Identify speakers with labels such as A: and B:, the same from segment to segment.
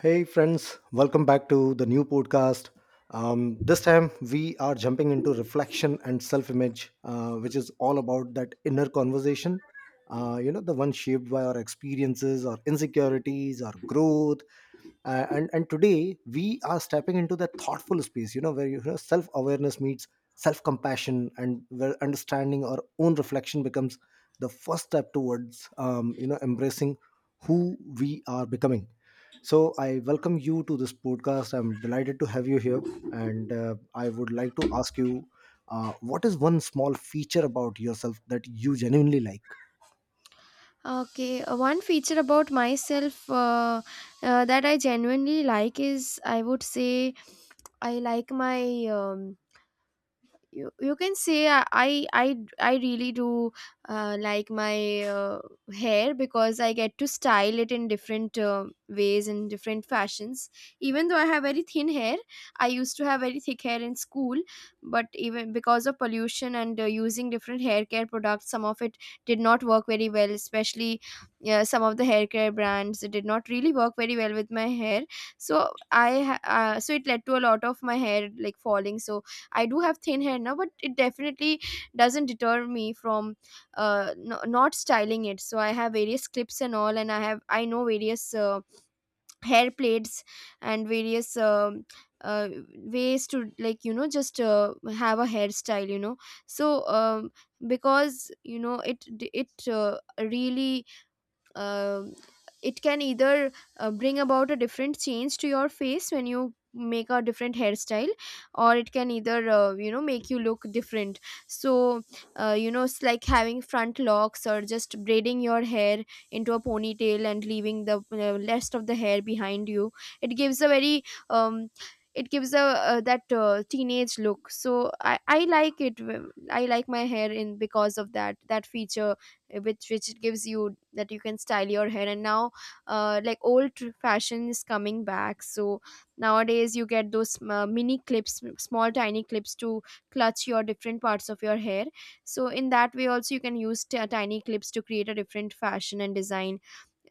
A: Hey, friends, welcome back to the new podcast. This time we are jumping into reflection and self image, which is all about that inner conversation. The one shaped by our experiences, our insecurities, our growth. And today we are stepping into that thoughtful space, where self awareness meets self compassion, and where understanding our own reflection becomes the first step towards, embracing who we are becoming. So I welcome you to this podcast. I'm delighted to have you here, and I would like to ask you, what is one small feature about yourself that you genuinely like?
B: Okay, one feature about myself that I genuinely like is I would say I like my um, you can say I really do like my hair because I get to style it in different ways, in different fashions, even though I have very thin hair. I used to have very thick hair in school, but even because of pollution and using different hair care products, some of it did not work very well. Especially some of the hair care brands, it did not really work very well with my hair, so so it led to a lot of my hair like falling. So I do have thin hair now, but it definitely doesn't deter me from not styling it. So I have various clips and all, and I know various hair plates, and various uh, ways to, like, you know, just have a hairstyle. You know, so because, you know, it really, um it can either bring about a different change to your face when you make a different hairstyle, or it can either, you know, make you look different. So you know, it's like having front locks or just braiding your hair into a ponytail and leaving the rest of the hair behind you. It gives a very, um it gives a that teenage look. So I like it, I like my hair in because of that feature, which it gives you, that you can style your hair. And now, like, old fashion is coming back, so nowadays you get those mini clips, small tiny clips, to clutch your different parts of your hair. So in that way also you can use tiny clips to create a different fashion and design.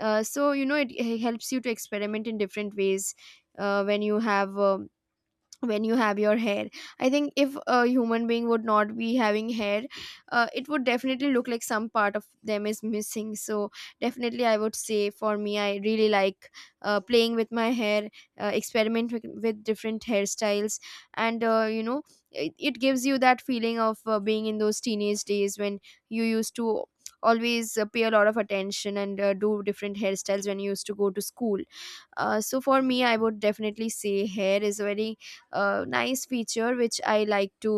B: So you know, it helps you to experiment in different ways uh, when you have um, when you have your hair. I think if a human being would not be having hair, it would definitely look like some part of them is missing. So definitely I would say, for me, I really like playing with my hair, experiment with different hairstyles. And you know, it gives you that feeling of being in those teenage days when you used to always pay a lot of attention and do different hairstyles when you used to go to school. So for me, I would definitely say hair is a very nice feature which I like to,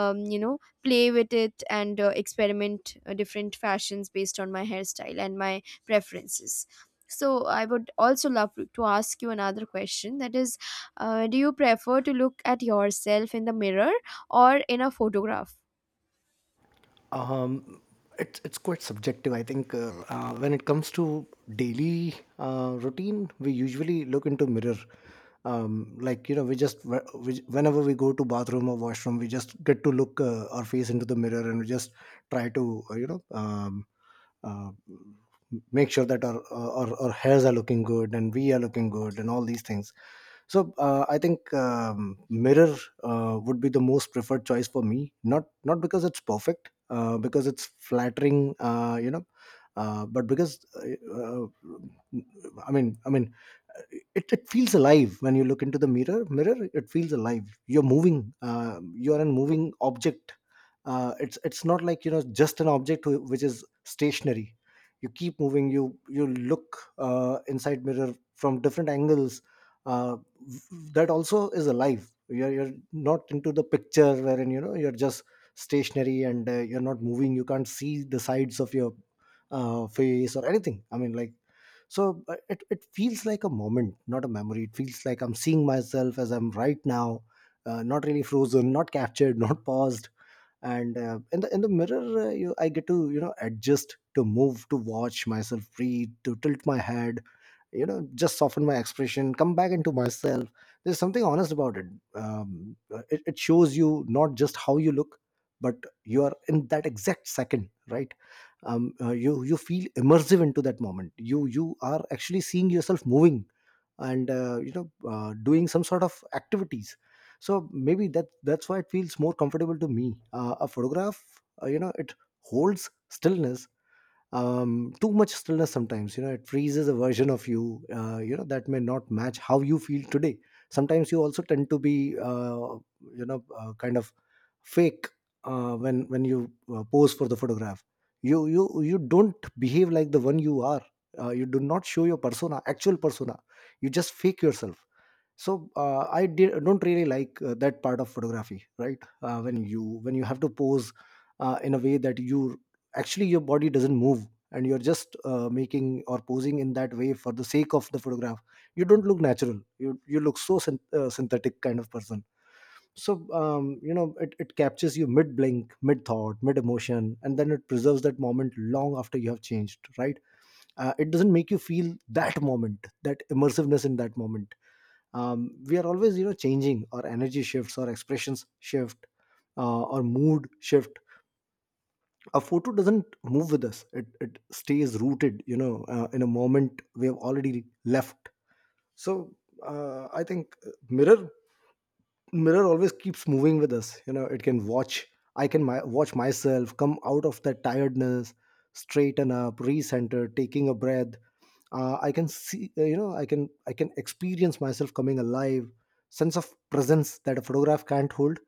B: you know, play with it and experiment different fashions based on my hairstyle and my preferences. So I would also love to ask you another question, that is, do you prefer to look at yourself in the mirror or in a photograph?
A: Um, it's quite subjective. I think, when it comes to daily routine, we usually look into mirror. Like, you know, we just we, whenever we go to bathroom or washroom, we just get to look our face into the mirror, and we just try to, uh, make sure that our hairs are looking good and we are looking good and all these things. So I think, mirror would be the most preferred choice for me, not because it's perfect, because it's flattering, but because, I mean, it feels alive when you look into the mirror, it feels alive, you're moving, you're a moving object. It's not like, you know, just an object which is stationary. You keep moving, you look inside mirror from different angles. Uh, v- that also is alive. You're not into the picture wherein, you know, you're just stationary, and you're not moving. You can't see the sides of your face or anything, I mean, like. So it feels like a moment, not a memory. It feels like I'm seeing myself as I'm right now, not really frozen, not captured, not paused. And in the mirror, I get to, you know, adjust, to move, to watch myself breathe, to tilt my head, you know, just soften my expression, come back into myself. There's something honest about it. It shows you not just how you look, but you are in that exact second, right? You feel immersive into that moment. You are actually seeing yourself moving, and, you know, doing some sort of activities. So maybe that's why it feels more comfortable to me. A photograph, you know, it holds stillness. Too much stillness sometimes, you know, it freezes a version of you, you know, that may not match how you feel today. Sometimes you also tend to be, you know, kind of fake, when you pose for the photograph. You don't behave like the one you are. You do not show your persona, actual persona. You just fake yourself. So I don't really like that part of photography, right? When you have to pose, in a way that you, actually, your body doesn't move, and you're just making or posing in that way for the sake of the photograph. You don't look natural. You look so synthetic, kind of person. So, you know, it captures you mid blink, mid thought, mid emotion, and then it preserves that moment long after you have changed, right? It doesn't make you feel that moment, that immersiveness in that moment. We are always, you know, changing. Our energy shifts, our expressions shift, our mood shift. A photo doesn't move with us. It stays rooted, you know, in a moment we have already left. So I think, mirror, always keeps moving with us. You know, it can watch. I watch myself come out of that tiredness, straighten up, recenter, taking a breath. I can see, you know, I can experience myself coming alive. Sense of presence that a photograph can't hold.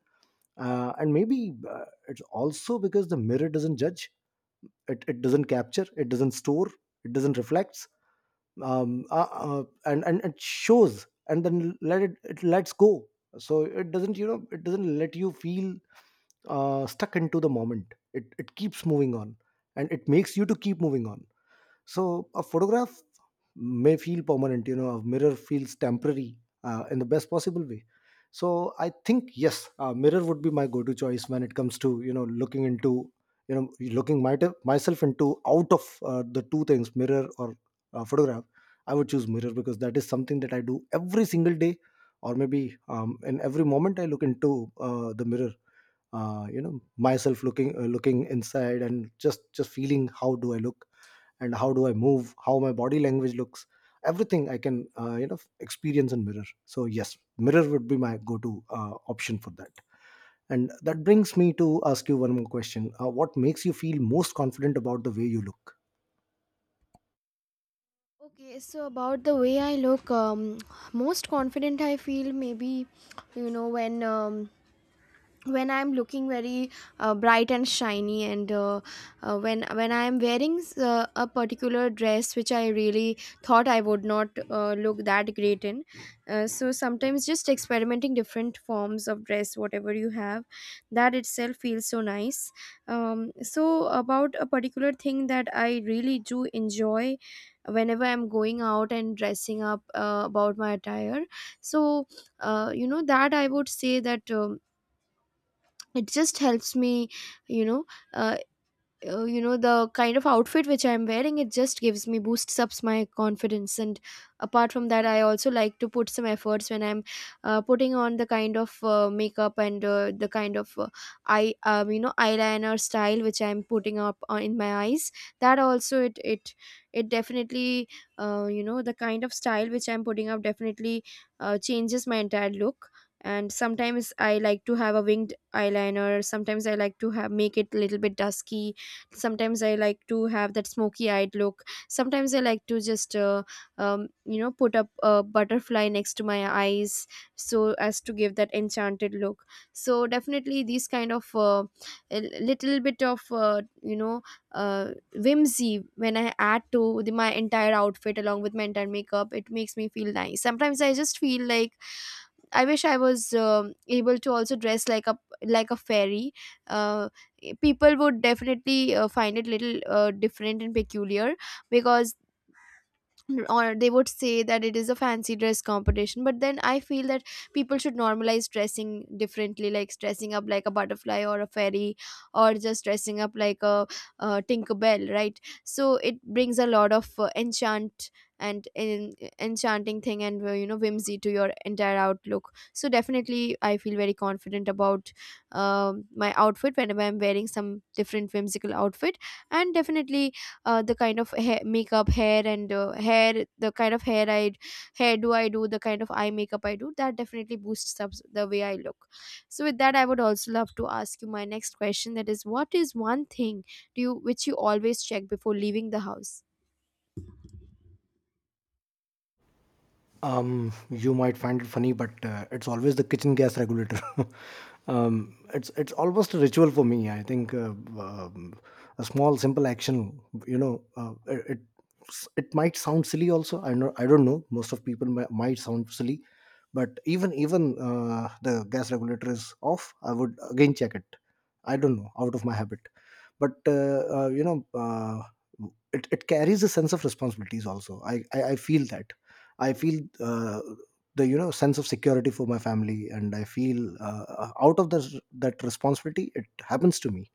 A: And maybe it's also because the mirror doesn't judge. It doesn't capture, it doesn't store, it doesn't reflect. And it shows, and then let it lets go. So it doesn't, you know, it doesn't let you feel stuck into the moment. It keeps moving on, and it makes you to keep moving on. So a photograph may feel permanent, you know, a mirror feels temporary, in the best possible way. So I think, yes, mirror would be my go-to choice when it comes to, you know, looking into, you know, looking myself into, out of the two things, mirror or photograph. I would choose mirror because that is something that I do every single day, or maybe, in every moment I look into the mirror, you know, myself looking looking inside and just feeling how do I look, and how do I move, how my body language looks. Everything I can, you know, experience and mirror. So yes, mirror would be my go-to option for that. And that brings me to ask you one more question. What makes you feel most confident about the way you look?
B: Okay, so about the way I look, most confident I feel maybe, you know, when, when I'm looking very bright and shiny, and when I'm wearing a particular dress which I really thought I would not look that great in. So sometimes just experimenting different forms of dress, whatever you have, that itself feels so nice. So about a particular thing that I really do enjoy whenever I'm going out and dressing up, about my attire. So you know, that I would say that, it just helps me, you know, uh, you know, the kind of outfit which I'm wearing, it just gives me boosts ups my confidence. And apart from that, I also like to put some efforts when I'm putting on the kind of makeup, and the kind of eye, you know, eyeliner style which I'm putting up on in my eyes. That also, it definitely, you know, the kind of style which I'm putting up definitely changes my entire look. And sometimes I like to have a winged eyeliner, sometimes I like to have, make it a little bit dusky, sometimes I like to have that smoky eyed look, sometimes I like to just you know, put up a butterfly next to my eyes, so as to give that enchanted look. So definitely these kind of a little bit of, you know, whimsy when I add to my entire outfit along with my entire makeup, it makes me feel nice. Sometimes I just feel like I wish I was, able to also dress like a, like a fairy. Uh, people would definitely find it little different and peculiar, because, or they would say that it is a fancy dress competition. But then I feel that people should normalize dressing differently, like dressing up like a butterfly or a fairy, or just dressing up like a, uh, tinker bell, right? So it brings a lot of enchant and enchanting thing and, you know, whimsy to your entire outlook. So definitely I feel very confident about, my outfit whenever I'm wearing some different whimsical outfit. And definitely the kind of hair, makeup hair and hair the kind of hair I hair do I do, the kind of eye makeup I do, that definitely boosts up the way I look. So with that, I would also love to ask you my next question, that is, what is one thing do you which you always check before leaving the house?
A: You might find it funny, but it's always the kitchen gas regulator. It's almost a ritual for me. I think, um, a small, simple action. You know, it it might sound silly. Also, I know, I don't know. Most of people might sound silly, but even the gas regulator is off, I would again check it. I don't know, out of my habit, but, you know. It carries a sense of responsibilities also. I feel that I feel the, you know, sense of security for my family, and I feel, out of that responsibility, it happens to me.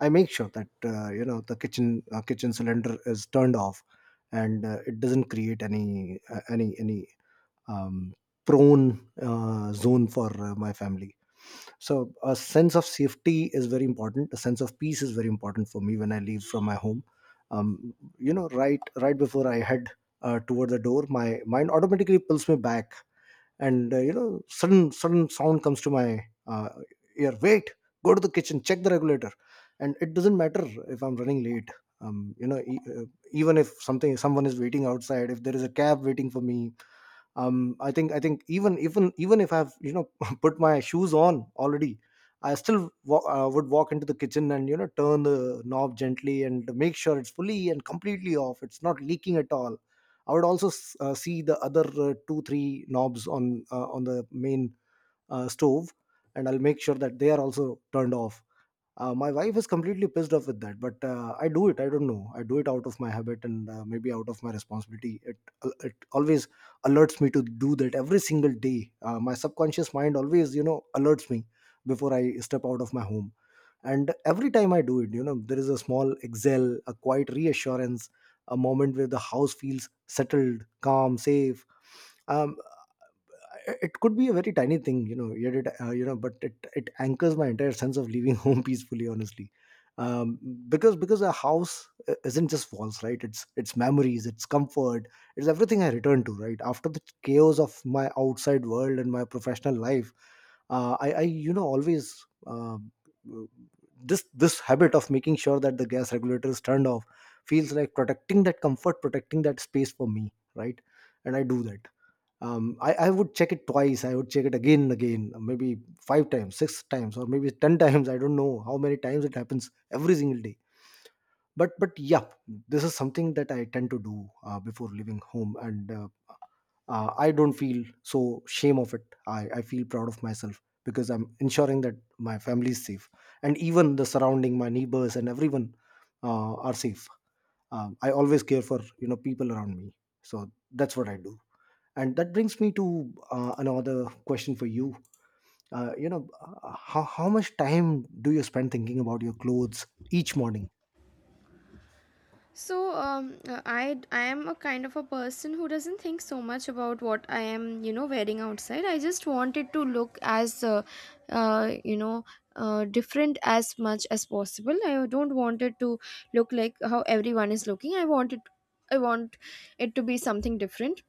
A: I make sure that, you know, the kitchen, kitchen cylinder is turned off, and it doesn't create any, um, prone zone for my family. So a sense of safety is very important, a sense of peace is very important for me when I leave from my home. You know, right before I head toward the door, my mind automatically pulls me back, and you know, sudden sound comes to my uh, ear. Wait, go to the kitchen, check the regulator. And it doesn't matter if I'm running late, you know, even if something, someone is waiting outside, if there is a cab waiting for me. I think even if I've, you know, put my shoes on already, I still would walk into the kitchen and, you know, turn the knob gently and make sure it's fully and completely off, it's not leaking at all. I would also see the other two three knobs on, on the main stove, and I'll make sure that they are also turned off. My wife is completely pissed off with that, but I do it. I don't know. I do it out of my habit and, maybe out of my responsibility. It always alerts me to do that every single day. My subconscious mind always, you know, alerts me before I step out of my home. And every time I do it, you know, there is a small exhale, a quiet reassurance, a moment where the house feels settled, calm, safe. Um, it could be a very tiny thing, you know, yet it, you know, but it anchors my entire sense of leaving home peacefully, honestly. um because a house isn't just walls, right? It's memories, it's comfort, it's everything I return to right after the chaos of my outside world and my professional life. I you know, always, this habit of making sure that the gas regulator is turned off feels like protecting that comfort, protecting that space for me, right? And I do that. I would check it twice. I would check it again and again, maybe five times, six times, or maybe ten times. I don't know how many times it happens every single day, but yeah, this is something that I tend to do before leaving home, and, I don't feel so shame of it. I feel proud of myself because I'm ensuring that my family is safe, and even the surrounding, my neighbors and everyone, are safe. I always care for, you know, people around me. So that's what I do. And that brings me to another question for you. You know, how much time do you spend thinking about your clothes each morning?
B: So I am a kind of a person who doesn't think so much about what I am, you know, wearing outside. I just want it to look as you know, different as much as possible. I don't want it to look like how everyone is looking. I want it to be something different,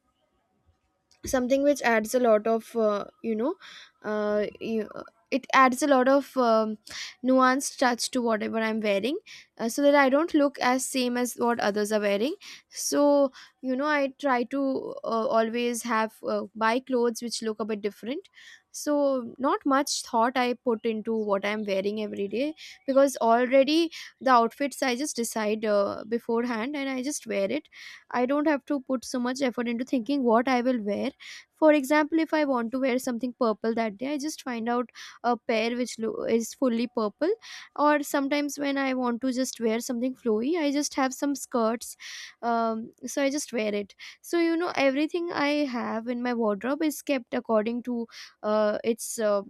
B: something which adds a lot of, you know, uh, you, it adds a lot of, nuanced touch to whatever I'm wearing, so that I don't look as same as what others are wearing. So you know, I try to always have, buy clothes which look a bit different. So not much thought I put into what I'm wearing every day, because already the outfits I just decide beforehand, and I just wear it. I don't have to put so much effort into thinking what I will wear. For example, if I want to wear something purple that day, I just find out a pair which is fully purple. Or sometimes when I want to just wear something flowy, I just have some skirts. So I just wear it. So you know, everything I have in my wardrobe is kept according to its, uh,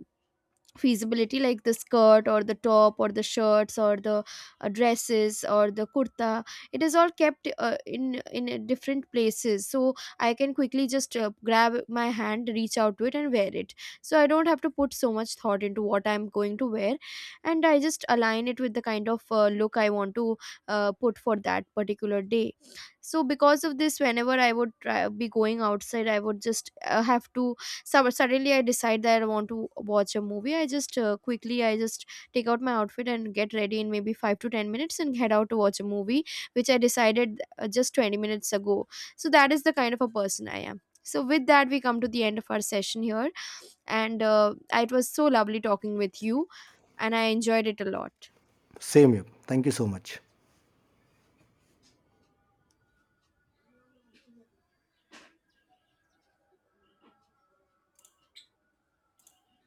B: feasibility, like the skirt or the top or the shirts or the dresses or the kurta, it is all kept in different places. So I can quickly just grab my hand, reach out to it and wear it. So I don't have to put so much thought into what I'm going to wear, and I just align it with the kind of look I want to put for that particular day. So because of this, whenever I would be going outside, I would just have to, so suddenly I decide that I want to watch a movie, I just quickly, I just take out my outfit and get ready in maybe 5 to 10 minutes and head out to watch a movie which I decided just 20 minutes ago. So that is the kind of a person I am. So with that, we come to the end of our session here, and it was so lovely talking with you, and I enjoyed it a lot.
A: Same here. Thank you so much.